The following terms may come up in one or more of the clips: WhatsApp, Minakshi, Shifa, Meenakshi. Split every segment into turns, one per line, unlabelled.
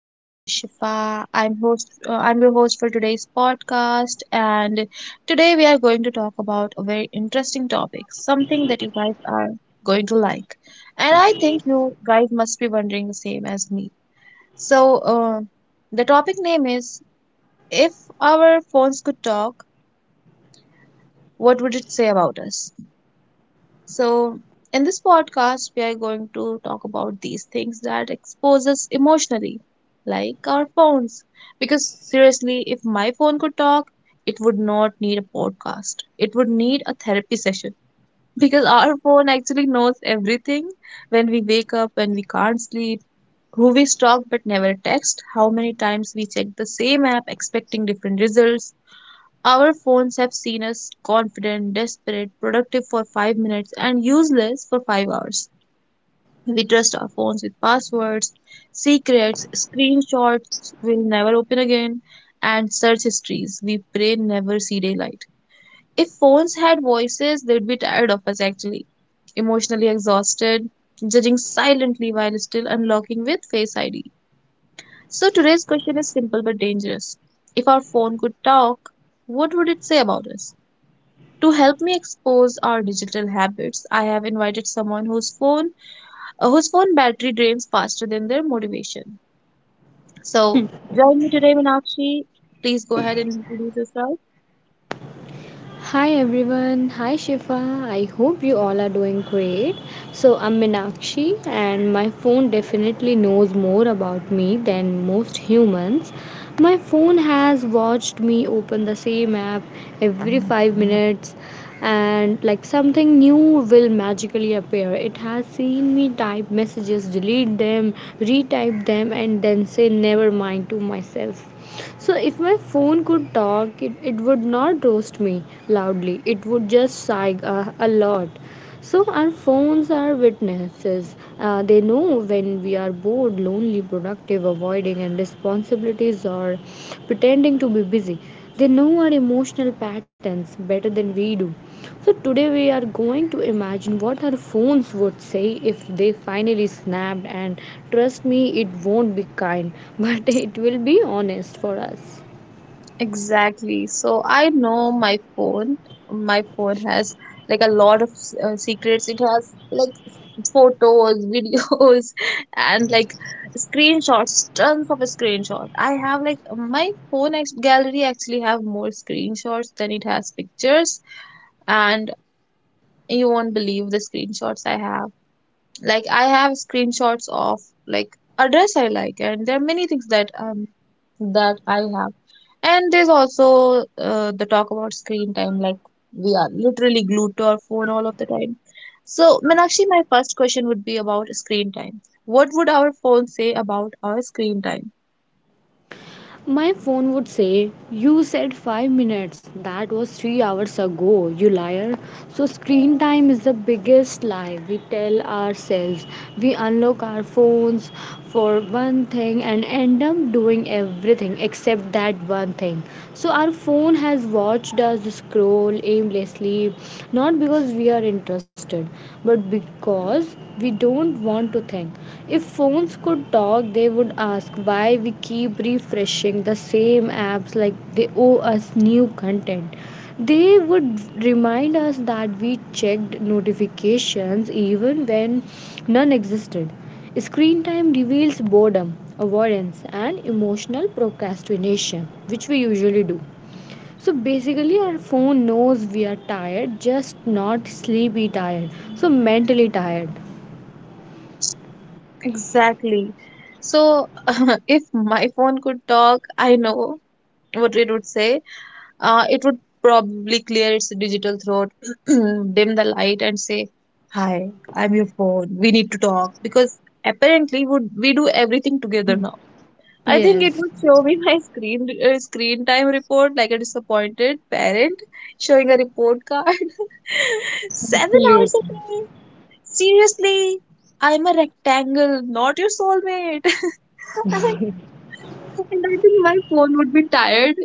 my name is Shifa. I'm your host for today's podcast, and today we are going to talk about a very interesting topic, something that you guys are going to like. And I think you guys must be wondering the same as me. So, the topic name is, if our phones could talk, what would it say about us? So, in this podcast, we are going to talk about these things that expose us emotionally, like our phones. Because seriously, if my phone could talk, it would not need a podcast. It would need a therapy session. Because our phone actually knows everything: when we wake up, when we can't sleep, who we stalk but never text, how many times we check the same app expecting different results. Our phones have seen us confident, desperate, productive for 5 minutes, and useless for 5 hours. We trust our phones with passwords, secrets, screenshots we'll never open again, and search histories we pray never see daylight. If phones had voices, they'd be tired of us, actually, emotionally exhausted, judging silently while still unlocking with Face ID. So today's question is simple but dangerous. If our phone could talk, what would it say about us? To help me expose our digital habits, I have invited someone whose phone battery drains faster than their motivation. So join me today, Meenakshi. Please go ahead and introduce yourself.
Hi everyone, hi Shifa. I hope you all are doing great. So, I'm Minakshi, and my phone definitely knows more about me than most humans. My phone has watched me open the same app every 5 minutes, and like something new will magically appear. It has seen me type messages, delete them, retype them, and then say never mind to myself. So, if my phone could talk, it would not roast me loudly, it would just sigh a lot. So our phones are witnesses. They know when we are bored, lonely, productive, avoiding and responsibilities or pretending to be busy. They know our emotional patterns better than we do. So today we are going to imagine what our phones would say if they finally snapped and trust me it won't be kind but it will be honest for us.
Exactly. So I know my phone. My phone has like a lot of secrets. It has like photos, videos, and like screenshots, tons of screenshots. I have like my phone ex gallery actually have more screenshots than it has pictures, and you won't believe the screenshots I have. Like I have screenshots of like a dress I like, and there are many things that that I have. And there's also the talk about screen time, like we are literally glued to our phone all of the time. So, Meenakshi, my first question would be about screen time. What would our phone say about our screen time?
My phone would say, "You said 5 minutes. That was 3 hours ago, you liar." So, screen time is the biggest lie we tell ourselves. We unlock our phones for one thing and end up doing everything except that one thing. So, our phone has watched us scroll aimlessly, not because we are interested, but because we don't want to think. If phones could talk, they would ask why we keep refreshing the same apps like they owe us new content. They would remind us that we checked notifications even when none existed. Screen time reveals boredom, avoidance, and emotional procrastination, which we usually do. So basically, our phone knows we are tired, just not sleepy tired, so mentally tired.
Exactly. So, if my phone could talk, I know what it would say. It would probably clear its digital throat, dim the light, and say, "Hi, I'm your phone. We need to talk." Because apparently would we do everything together now. I think it
Yes.
would show me my screen time report like a disappointed parent showing a report card. Seven
Absolutely.
hours a day. Seriously, I'm a rectangle, not your soulmate. And I think my phone would be tired,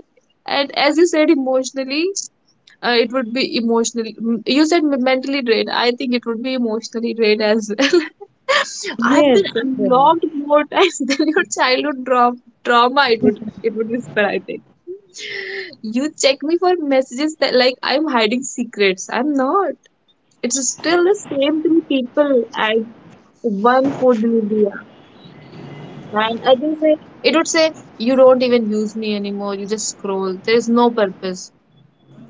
and as you said, emotionally, it would be emotionally. M- You said me- mentally drained. I think it would be emotionally drained as well. I've been
Yes, it will.
unlocked more times than your childhood trauma. It would whisper. I think you check me for messages that like I'm hiding secrets. I'm not. It's still the same three people as one food delivery. App. And I think say it would say, you don't even use me anymore. You just scroll. There is no purpose,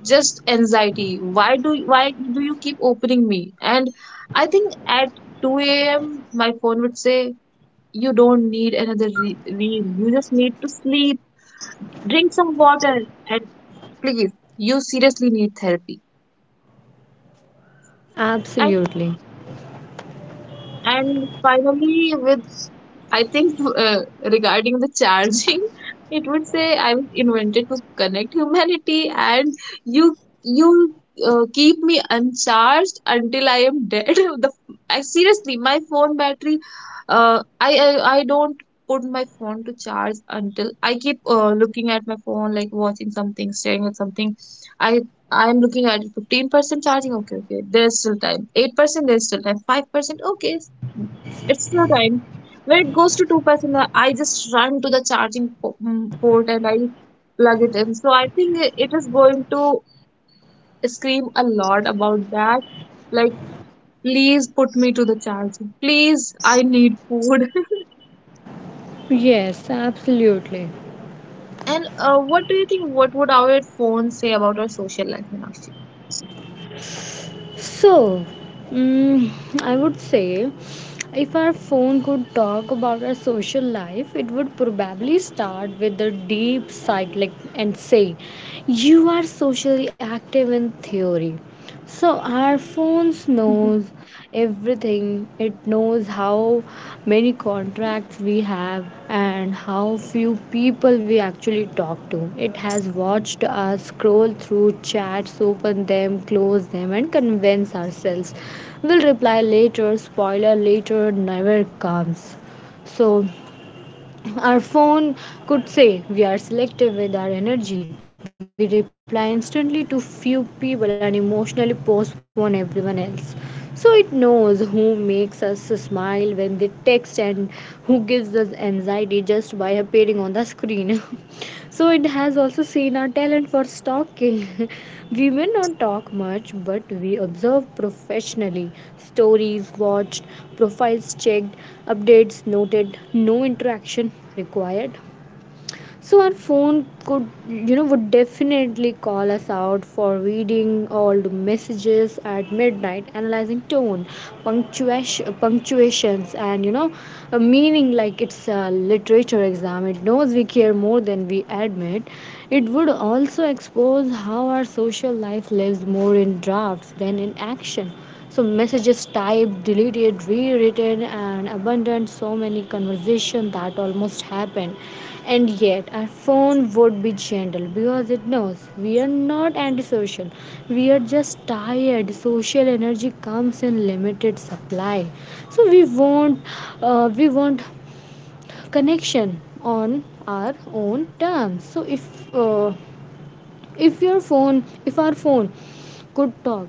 just anxiety. Why do you keep opening me? And I think at 2 a.m. my phone would say, you don't need another reel. You just need to sleep, drink some water, and please, you seriously need therapy. And
Absolutely.
and finally, with, I think regarding the charging, it would say, I was invented to connect humanity, and you you keep me uncharged until I am dead. The I seriously, my phone battery, I don't put my phone to charge until I keep looking at my phone, like watching something, staring at something. I I'm looking at it, 15% charging. Okay, okay, there's still time. 8%, there's still time. 5%, okay, it's still time. When it goes to 2%, I just run to the charging port, and I plug it in. So I think it is going to scream a lot about that. Like, please put me to the charger. Please, I need food.
Yes, absolutely.
And what do you think? What would our phone say about our social life, Meenakshi?
So, I would say if our phone could talk about our social life, it would probably start with the deep side, like, and say, "You are socially active in theory," so our phones knows everything. It knows how many contracts we have and how few people we actually talk to. It has watched us scroll through chats, open them, close them, and convince ourselves we'll reply later. Spoiler: later never comes. So our phone could say we are selective with our energy. We reply instantly to few people and emotionally postpone everyone else. So it knows who makes us smile when they text and who gives us anxiety just by appearing on the screen. So it has also seen our talent for stalking. We may not talk much, but we observe professionally. Stories watched, profiles checked, updates noted, no interaction required. So our phone, you know, would definitely call us out for reading all the messages at midnight, analyzing tone, punctuation, punctuations, and, you know, a meaning like it's a literature exam. It knows we care more than we admit. It would also expose how our social life lives more in drafts than in action. So messages typed, deleted, rewritten, and abandoned. So many conversation that almost happened, and yet our phone would be gentle because it knows we are not antisocial. We are just tired. Social energy comes in limited supply, so we want connection on our own terms. So uh, if your phone, if our phone could talk,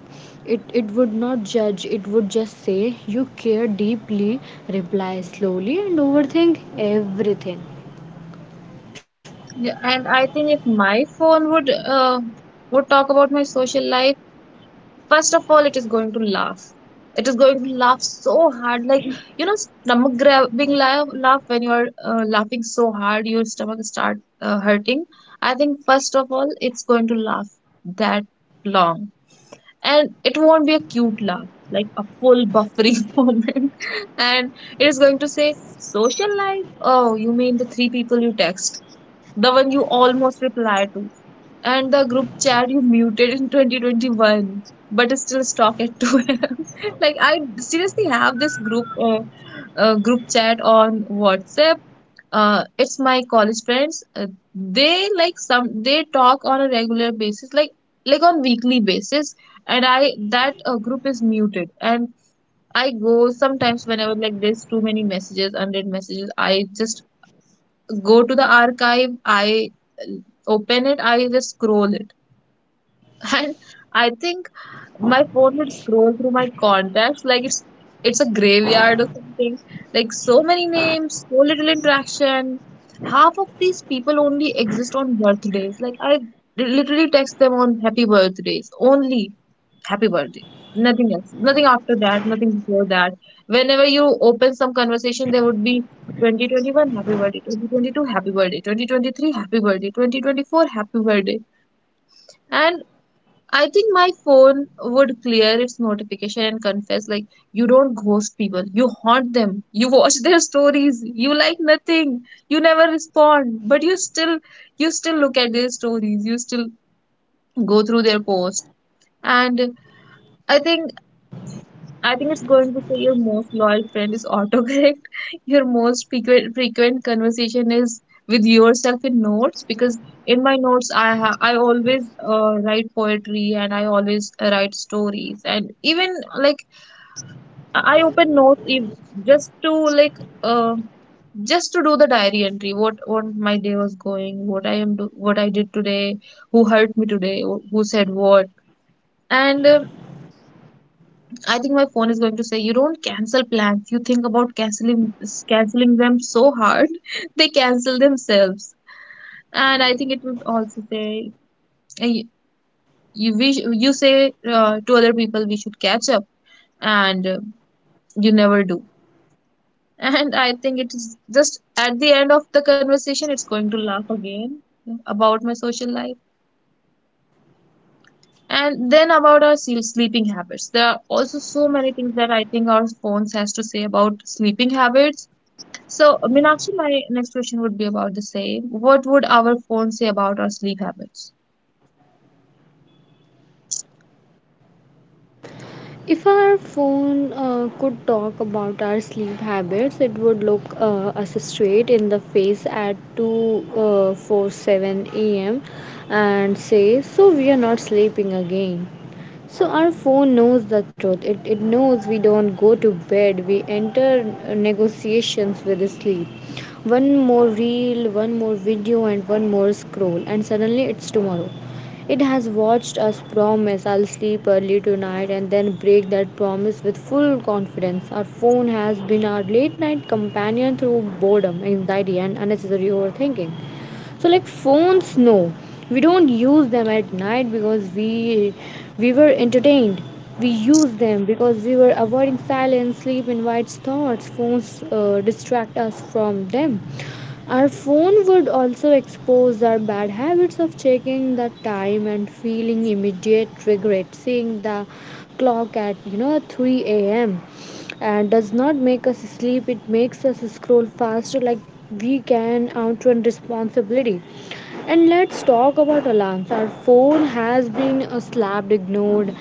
it would not judge. It would just say you care deeply, reply slowly, and overthink everything.
Yeah, and I think if my phone uh, would talk about my social life, first of all it is going to laugh, it is going to laugh so hard, like, you know, stomach grabbing laugh, laugh when you're laughing so hard your stomach start hurting. I think first of all it's going to laugh that long, and it won't be a cute laugh, like a full buffering moment. And it is going to say, social life, oh, you mean the three people you text, the one you almost reply to, and the group chat you muted in 2021, but is still stuck at 2 a.m. Like I seriously have this group chat on WhatsApp. It's my college friends. They like some they talk on a regular basis, like on weekly basis. And I that group is muted, and I go sometimes whenever like there's too many messages, unread messages. I just go to the archive. I uh, open it. I just scroll it, and I think my phone would scroll through my contacts like it's a graveyard or something. Like so many names, so little interaction. Half of these people only exist on birthdays. Like I literally text them on happy birthdays. Only happy birthday. Nothing else. Nothing after that. Nothing before that. Whenever you open some conversation, there would be 2021 happy birthday, 2022 happy birthday, 2023 happy birthday, 2024 happy birthday. And I think my phone would clear its notification and confess, like, you don't ghost people, you haunt them, you watch their stories, you like nothing, you never respond, but you still look at their stories, you still go through their posts. And I think I think it's going to say, your most loyal friend is autocorrect. Your most frequent conversation is with yourself in notes, because in my notes I always write poetry and I always write stories, and even like I open notes just to like just to do the diary entry, what my day was going, what I am do what I did today, who hurt me today, who said what. And I think my phone is going to say, "You don't cancel plans. You think about canceling them so hard, they cancel themselves." And I think it would also say, "You you, wish, you say to other people we should catch up, and you never do." And I think it is just at the end of the conversation, it's going to laugh again about my social life. And then about our sleeping habits. There are also so many things that I think our phones has to say about sleeping habits. So, Meenakshi, my next question would be about the same. What would our phone say about our sleep habits?
If our phone could talk about our sleep habits, it would look us straight in the face at two, four, 7 am and say, "So we are not sleeping again." So our phone knows the truth. It knows we don't go to bed. We enter negotiations with sleep. One more reel, one more video, and one more scroll, and suddenly it's tomorrow. It has watched us promise "I'll sleep early tonight" and then break that promise with full confidence. Our phone has been our late night companion through boredom, anxiety, and unnecessary overthinking. So like phones no, we don't use them at night because we were entertained. We use them because we were avoiding silence. Sleep invites thoughts; phones distract us from them. Our phone would also expose our bad habits of checking the time and feeling immediate regret. Seeing the clock at, you know, 3 a.m and does not make us sleep, it makes us scroll faster, like we can outrun responsibility. And let's talk about alarms. Our phone has been slapped, ignored,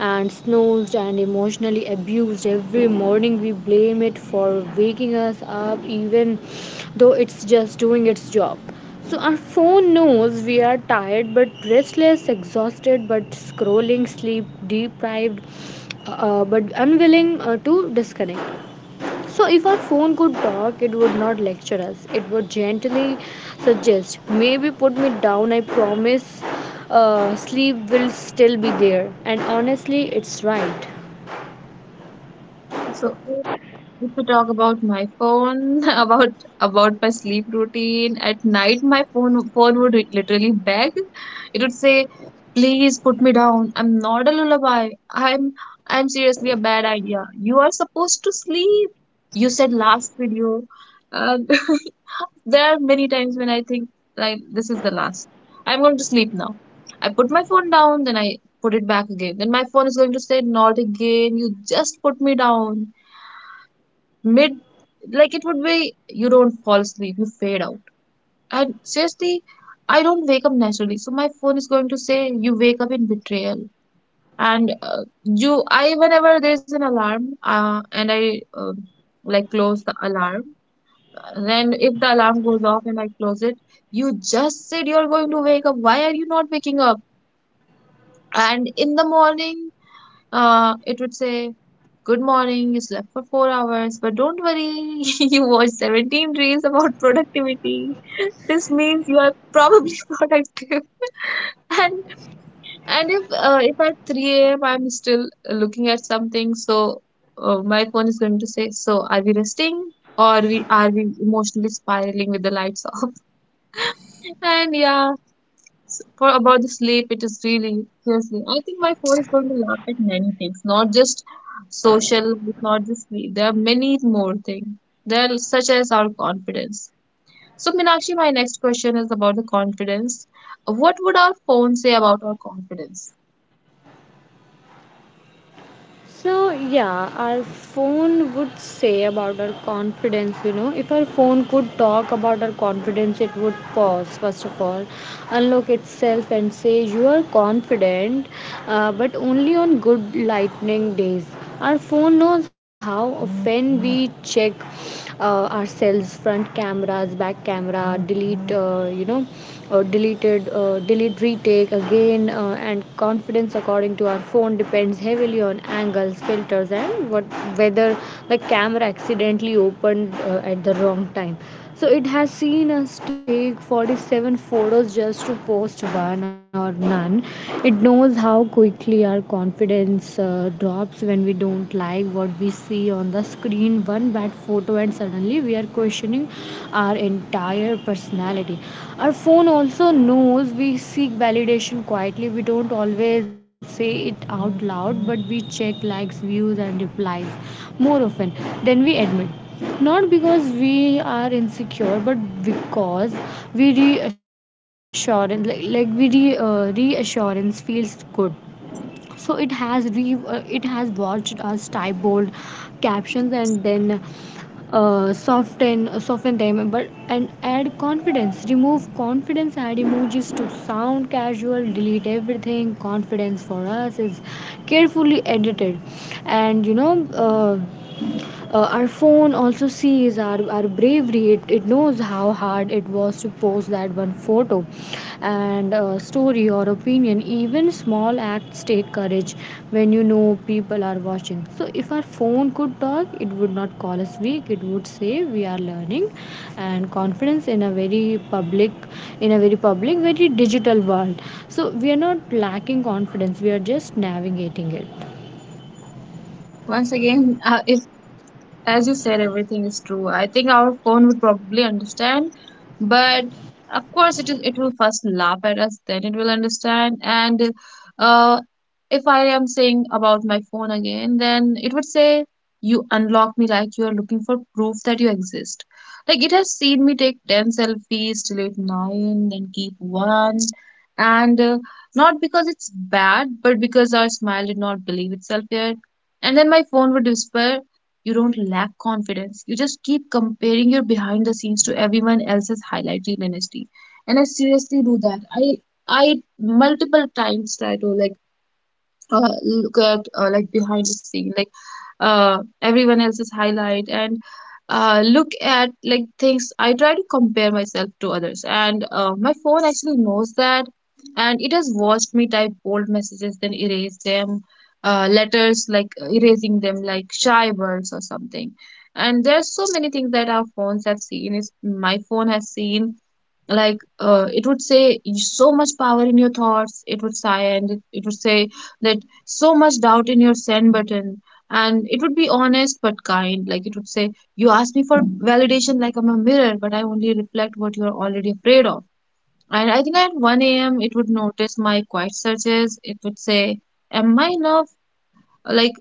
and snoozed and emotionally abused every morning. We blame it for waking us up, even though it's just doing its job. So, our phone knows we are tired but restless, exhausted but scrolling, sleep deprived, but unwilling to disconnect. So, if our phone could talk, it would not lecture us. It would gently suggest, "Maybe put me down, I promise sleep will still be there." And honestly, it's right.
So, if I talk about my phone, about my sleep routine at night, my phone would literally beg. It would say, "Please put me down. I'm not a lullaby. I'm seriously a bad idea. You are supposed to sleep. You said last video." And there are many times when I think like this is the last. I'm going to sleep now. I put my phone down, then I put it back again. Then my phone is going to say, "Not again. You just put me down." Mid, like, it would be, you don't fall asleep, you fade out. And seriously, I don't wake up naturally, so my phone is going to say, you wake up in betrayal. And you I whenever there's an alarm, and I like close the alarm, then if the alarm goes off and I close it, you just said you're going to wake up, why are you not waking up? And in the morning, it would say, good morning, you slept for 4 hours, but don't worry, you watched 17 reels about productivity. This means you are probably productive. And and if at 3 a.m. I'm still looking at something, so my phone is going to say, so are we resting, or we are we emotionally spiraling with the lights off? And yeah, for about the sleep, it is really seriously. I think my phone is going to laugh at many things, not just social, not just sleep. There are many more things. There are such as our confidence. So, Minakshi, my next question is about the confidence. What would our phone say about our confidence?
So, yeah, our phone would say about our confidence, you know. If our phone could talk about our confidence, it would pause, first of all, unlock itself and say, "You are confident, but only on good lightning days." Our phone knows how often we check ourselves, front cameras, back camera, delete, you know or deleted delete, retake again, and confidence, according to our phone, depends heavily on angles, filters, and what, whether the camera accidentally opened at the wrong time. So it has seen us take 47 photos just to post one or none. It knows how quickly our confidence drops when we don't like what we see on the screen. One bad photo, and suddenly we are questioning our entire personality. Our phone also knows we seek validation quietly. We don't always say it out loud, but we check likes, views, and replies more often than we admit, not because we are insecure but because we reassurance, like we re, reassurance feels good. So it has re it has watched us type bold captions and then soften soften them, but and add confidence, remove confidence, add emojis to sound casual, delete everything. Confidence for us is carefully edited. And, you know, uh, our phone also sees our bravery. It knows how hard it was to post that one photo and story or opinion. Even small acts take courage when, you know, people are watching. So if our phone could talk, it would not call us weak. It would say we are learning, and confidence in a very public, in a very public, very digital world. So we are not lacking confidence, we are just navigating it.
Once again, if as you said, everything is true. I think our phone would probably understand, but of course, it is. It will first laugh at us, then it will understand. And uh, if I am saying about my phone again, then it would say, "You unlock me like you are looking for proof that you exist." Like it has seen me take 10 selfies, delete nine, then keep one, and not because it's bad, but because our smile did not believe itself yet. And then my phone would whisper, you don't lack confidence, you just keep comparing your behind the scenes to everyone else's highlight reel honesty. And I seriously do that. I multiple times try to, like, look at, like, behind the scene, like, everyone else's highlight, and look at, like, things I try to compare myself to others, and my phone actually knows that. And it has watched me type bold messages then erase them, letters like erasing them like shy words or something. And there's so many things that our phones have seen. Is My phone has seen, like, it would say, so much power in your thoughts. It would sigh and it would say that so much doubt in your send button. And it would be honest but kind. Like, it would say, you ask me for validation like I'm a mirror, but I only reflect what you're already afraid of. And I think at 1 a.m. it would notice my quiet searches. It would say, am I enough? Like,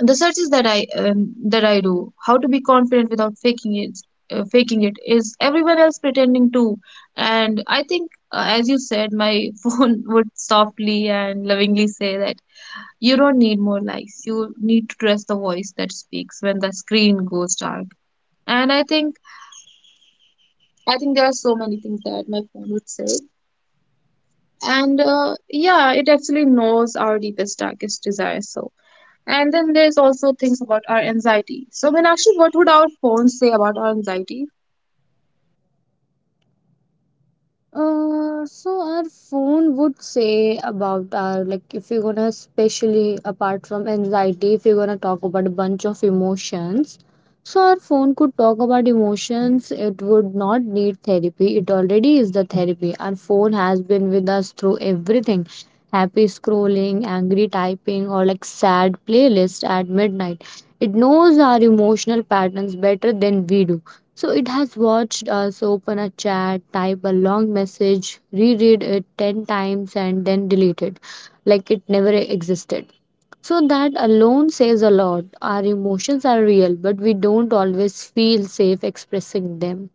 the searches that I do, how to be confident without faking it, faking it is everyone else pretending to. And I think, as you said, my phone would softly and lovingly say that you don't need more likes. You need to trust the voice that speaks when the screen goes dark. And I think there are so many things that my phone would say. And yeah, it actually knows our deepest, darkest desires. So. And then there's also things about our anxiety. So, Meenakshi, what would our phones say about our anxiety?
So our phone would say about our like, if you're gonna especially apart from anxiety, if you're gonna talk about a bunch of emotions, so our phone could talk about emotions. It would not need therapy. It already is the therapy. Our phone has been with us through everything. Happy scrolling, angry typing, or like sad playlist at midnight. It knows our emotional patterns better than we do. So it has watched us open a chat, type a long message, reread it 10 times, and then delete it like it never existed. So that alone says a lot. Our emotions are real, but we don't always feel safe expressing them.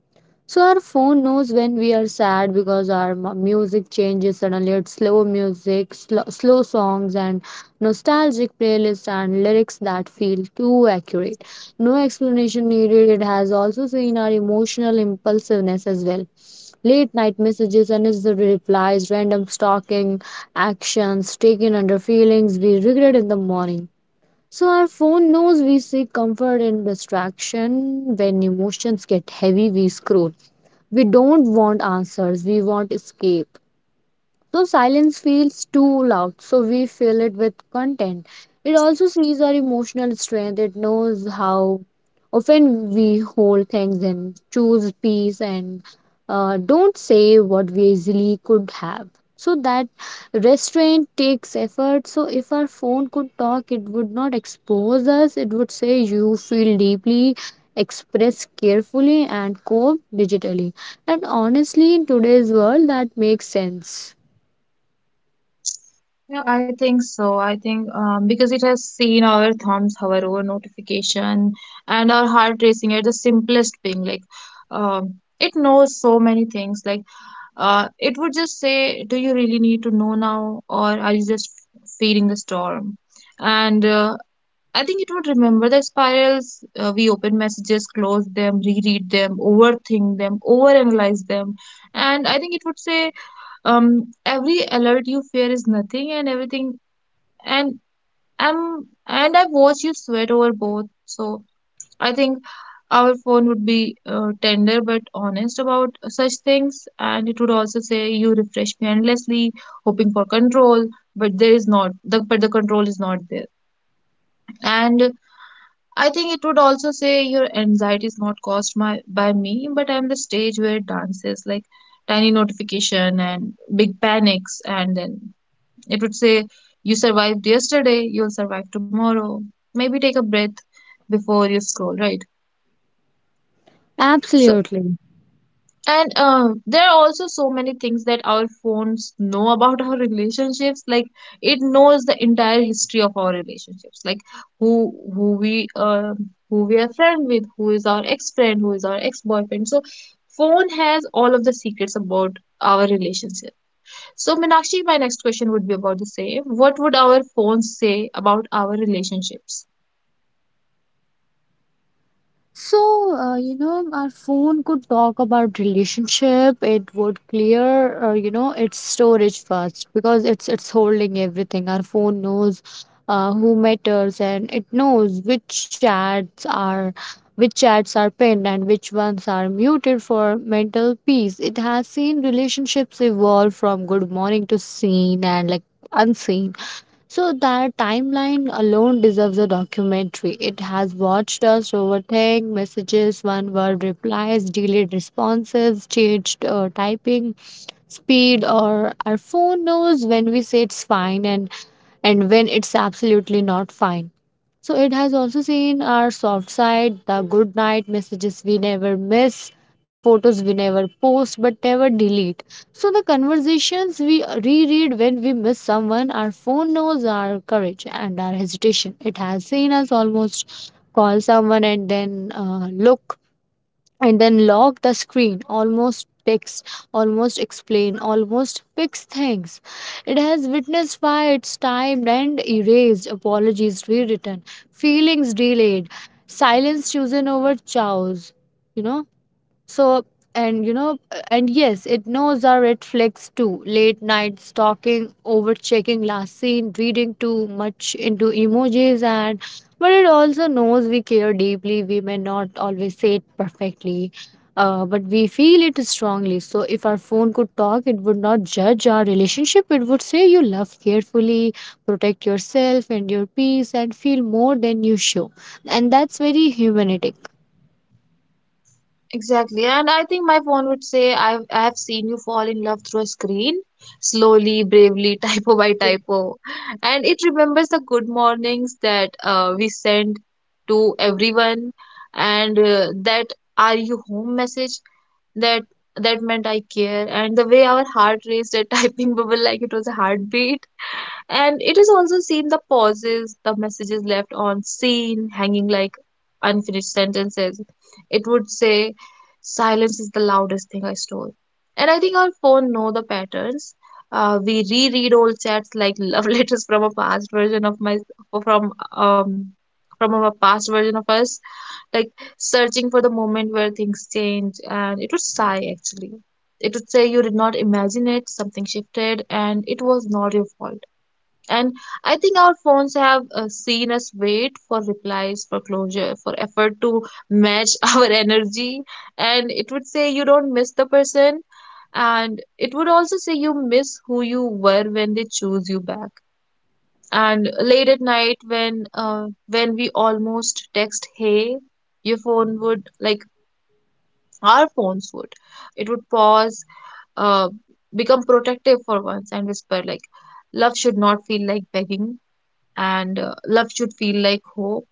So our phone knows when we are sad because our music changes suddenly. It's slow music, slow, slow songs, and nostalgic playlist and lyrics that feel too accurate. No explanation needed. It has also seen our emotional impulsiveness as well. Late night messages, unnecessary replies, random stalking, actions taken under feelings we regret in the morning. So our phone knows we seek comfort in distraction. When emotions get heavy, we scroll. We don't want answers, we want escape. So silence feels too loud, so we fill it with content. It also sees our emotional strength. It knows how often we hold things in, choose peace, and don't say what we easily could have. So that restraint takes effort. So if our phone could talk, it would not expose us. It would say you feel deeply, express carefully, and cope digitally. And honestly, in today's world, that makes sense.
Yeah, I think so. I think because it has seen our thumbs hover over notification and our heart racing at the simplest thing. Like, it knows so many things. Like, it would just say, "Do you really need to know now, or are you just feeding the storm?" And I think it would remember the spirals. We open messages, close them, reread them, overthink them, overanalyze them. And I think it would say, every alert you fear is nothing and everything. And I've watched you sweat over both. So I think our phone would be tender but honest about such things. And it would also say, you refresh me endlessly, hoping for control, but there is not, but the control is not there. And I think it would also say your anxiety is not caused by me, but I'm the stage where it dances, like tiny notification and big panics. And then it would say, you survived yesterday, you'll survive tomorrow. Maybe take a breath before you scroll, right? So.
Absolutely.
And there are also so many things that our phones know about our relationships. Like, it knows the entire history of our relationships, like who we, who we are friend with, who is our ex friend, who is our ex boyfriend. So phone has all of the secrets about our relationship. So, Meenakshi, my next question would be about the same. What would our phones say about our relationships?
So, you know, our phone could talk about relationship. It would clear, you know, its storage first because it's holding everything. Our phone knows who matters and it knows which chats are pinned and which ones are muted for mental peace. It has seen relationships evolve from good morning to seen and like unseen. So that timeline alone deserves a documentary. It has watched us overthink messages, one word replies, delayed responses, changed typing speed, or our phone knows when we say it's fine, and when it's absolutely not fine. So it has also seen our soft side, the good night messages we never miss, the photos we never post but never delete. So the conversations we reread when we miss someone, our phone knows our courage and our hesitation. It has seen us almost call someone and then lock the screen, almost text, almost explain, almost fix things. It has witnessed why its time and erased apologies rewritten, feelings delayed, silence chosen over chows you know so, and yes, it knows our red flags too. Late night stalking, over checking last scene, reading too much into emojis, and but it also knows we care deeply. We may not always say it perfectly, but we feel it strongly. So, if our phone could talk, it would not judge our relationship. It would say, you love carefully, protect yourself and your peace, and feel more than you show. And that's very humanistic.
Exactly. And I think my phone would say, I have seen you fall in love through a screen, slowly, bravely, typo by typo. And it remembers the good mornings that we send to everyone, and that are you home message, that that meant I care, and the way our heart raced at typing bubble like it was a heartbeat. And it is also seen the pauses, the messages left on scene, hanging like unfinished sentences. It would say, silence is the loudest thing I stole. And I think our phone know the patterns. We reread old chats like love letters from a past version of my, from um from a past version of us, like searching for the moment where things change. And it would sigh actually. It would say, you did not imagine it, something shifted, and it was not your fault. And I think our phones have seen us wait for replies, for closure, for effort to match our energy. And it would say, you don't miss the person. And it would also say, you miss who you were when they choose you back. And late at night, when we almost text, hey, your phone would like our phones would, it would pause, uh, become protective for once, and whisper like, love should not feel like begging, and love should feel like hope.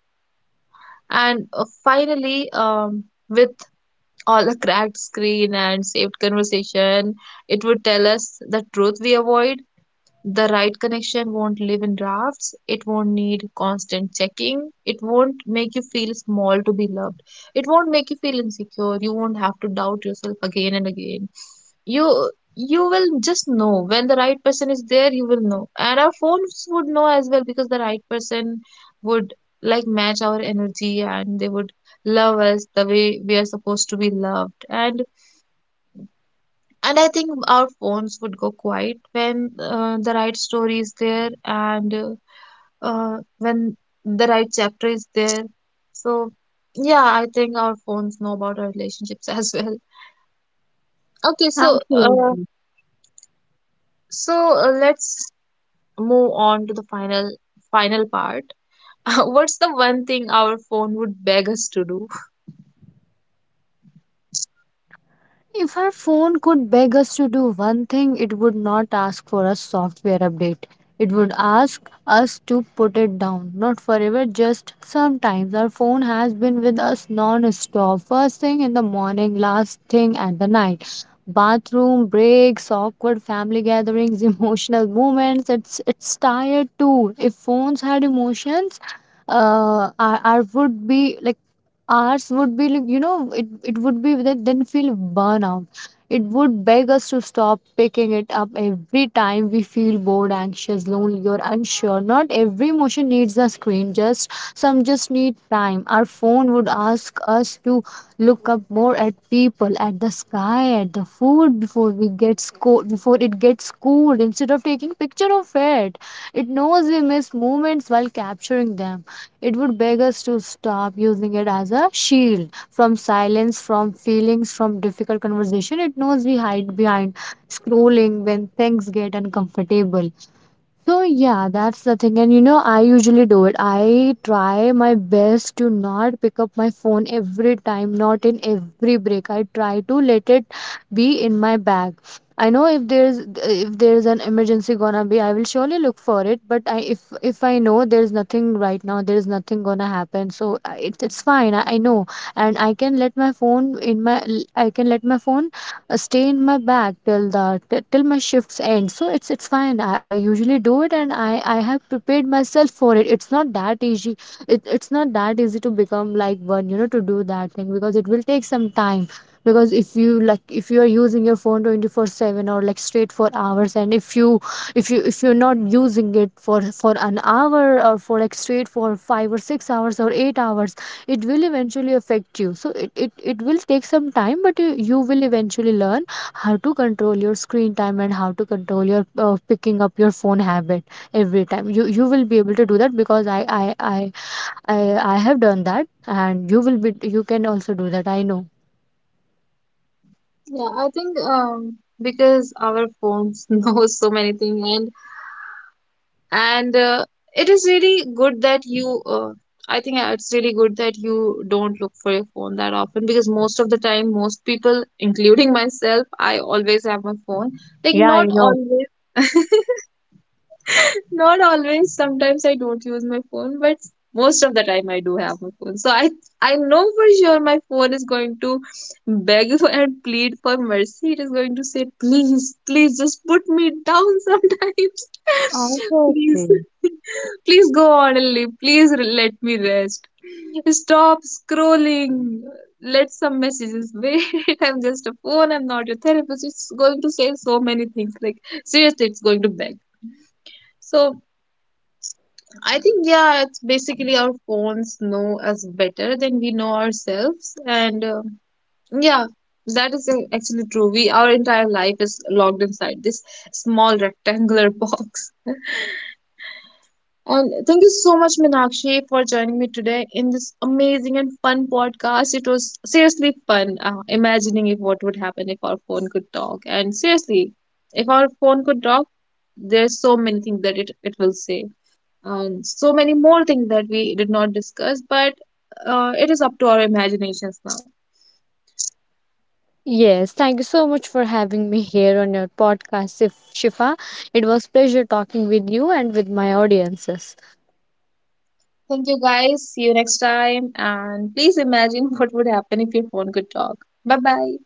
And finally, with all the cracked screen and saved conversation, it would tell us the truth we avoid. The right connection won't live in drafts. It won't need constant checking. It won't make you feel small to be loved. It won't make you feel insecure. You won't have to doubt yourself again and again. You will just know when the right person is there. You will know, and our phones would know as well, because the right person would, like, match our energy, and they would love us the way we are supposed to be loved. And I think our phones would go quiet when the right story is there, and when the right chapter is there. So, yeah, I think our phones know about our relationships as well. Okay, so uh,
Absolutely.
so uh, let's move on to the final part. What's the one thing our phone would beg us to do?
If our phone could beg us to do one thing, it would not ask for a software update. It would ask us to put it down. Not forever, just sometimes. Our phone has been with us non stop. First thing in the morning, last thing at the night. Bathroom breaks, awkward family gatherings, emotional moments. It's tired too. If phones had emotions, our would be like. Ours would be, like, you know, it would be that then feel burnout. It would beg us to stop picking it up every time we feel bored, anxious, lonely, or unsure. Not every emotion needs a screen, just some just need time. Our phone would ask us to look up more at people, at the sky, at the food before we get before it gets cold, instead of taking picture of it. It knows we miss moments while capturing them. It would beg us to stop using it as a shield from silence, from feelings, from difficult conversation. It knows we hide behind scrolling when things get uncomfortable. So yeah, that's the thing. And you know, I usually do it. I try my best to not pick up my phone every time, not in every break. I try to let it be in my bag. I know if there's an emergency gonna be, I will surely look for it. But I if I know there's nothing right now, there's nothing gonna happen. So it's fine. I know, and I can let my phone stay in my bag till the till my shifts end. So it's fine. I usually do it and I have prepared myself for it. It's not that easy. It's not that easy to become like one, you know, to do that thing, because it will take some time. Because if you like if you are using your phone 24/7 or like straight for hours, and if you if you're not using it for an hour or for like straight for 5 or 6 hours or 8 hours, it will eventually affect you. So it will take some time, but you will eventually learn how to control your screen time and how to control your picking up your phone habit every time. You will be able to do that because I have done that, and you will be you can also do that, I know.
Yeah, I think because our phones know so many things, and it is really good that you, I think it's really good that you don't look for your phone that often, because most of the time, most people, including myself, I always have my phone. Like,
Yeah, I
not
know.
always. Not always. Sometimes I don't use my phone, but most of the time I do have my phone. So I know for sure my phone is going to beg and plead for mercy. It is going to say, please, please just put me down sometimes. Please,
Obviously.
please go on and live. Please let me rest. Stop scrolling. Let some messages wait. I'm just a phone. I'm not your therapist. It's going to say so many things. Like, seriously, it's going to beg. So I think, yeah, it's basically our phones know us better than we know ourselves, and yeah, that is actually true. We, our entire life is logged inside this small rectangular box. And thank you so much, Minakshi, for joining me today in this amazing and fun podcast. It was seriously fun imagining if what would happen if our phone could talk, and seriously, if our phone could talk, there's so many things that it will say, and so many more things that we did not discuss, but it is up to our imaginations now.
Yes, thank you so much for having me here on your podcast, Shifa. It was pleasure talking with you and with my audiences.
Thank you guys. See you next time. And please imagine what would happen if your phone could talk. Bye bye.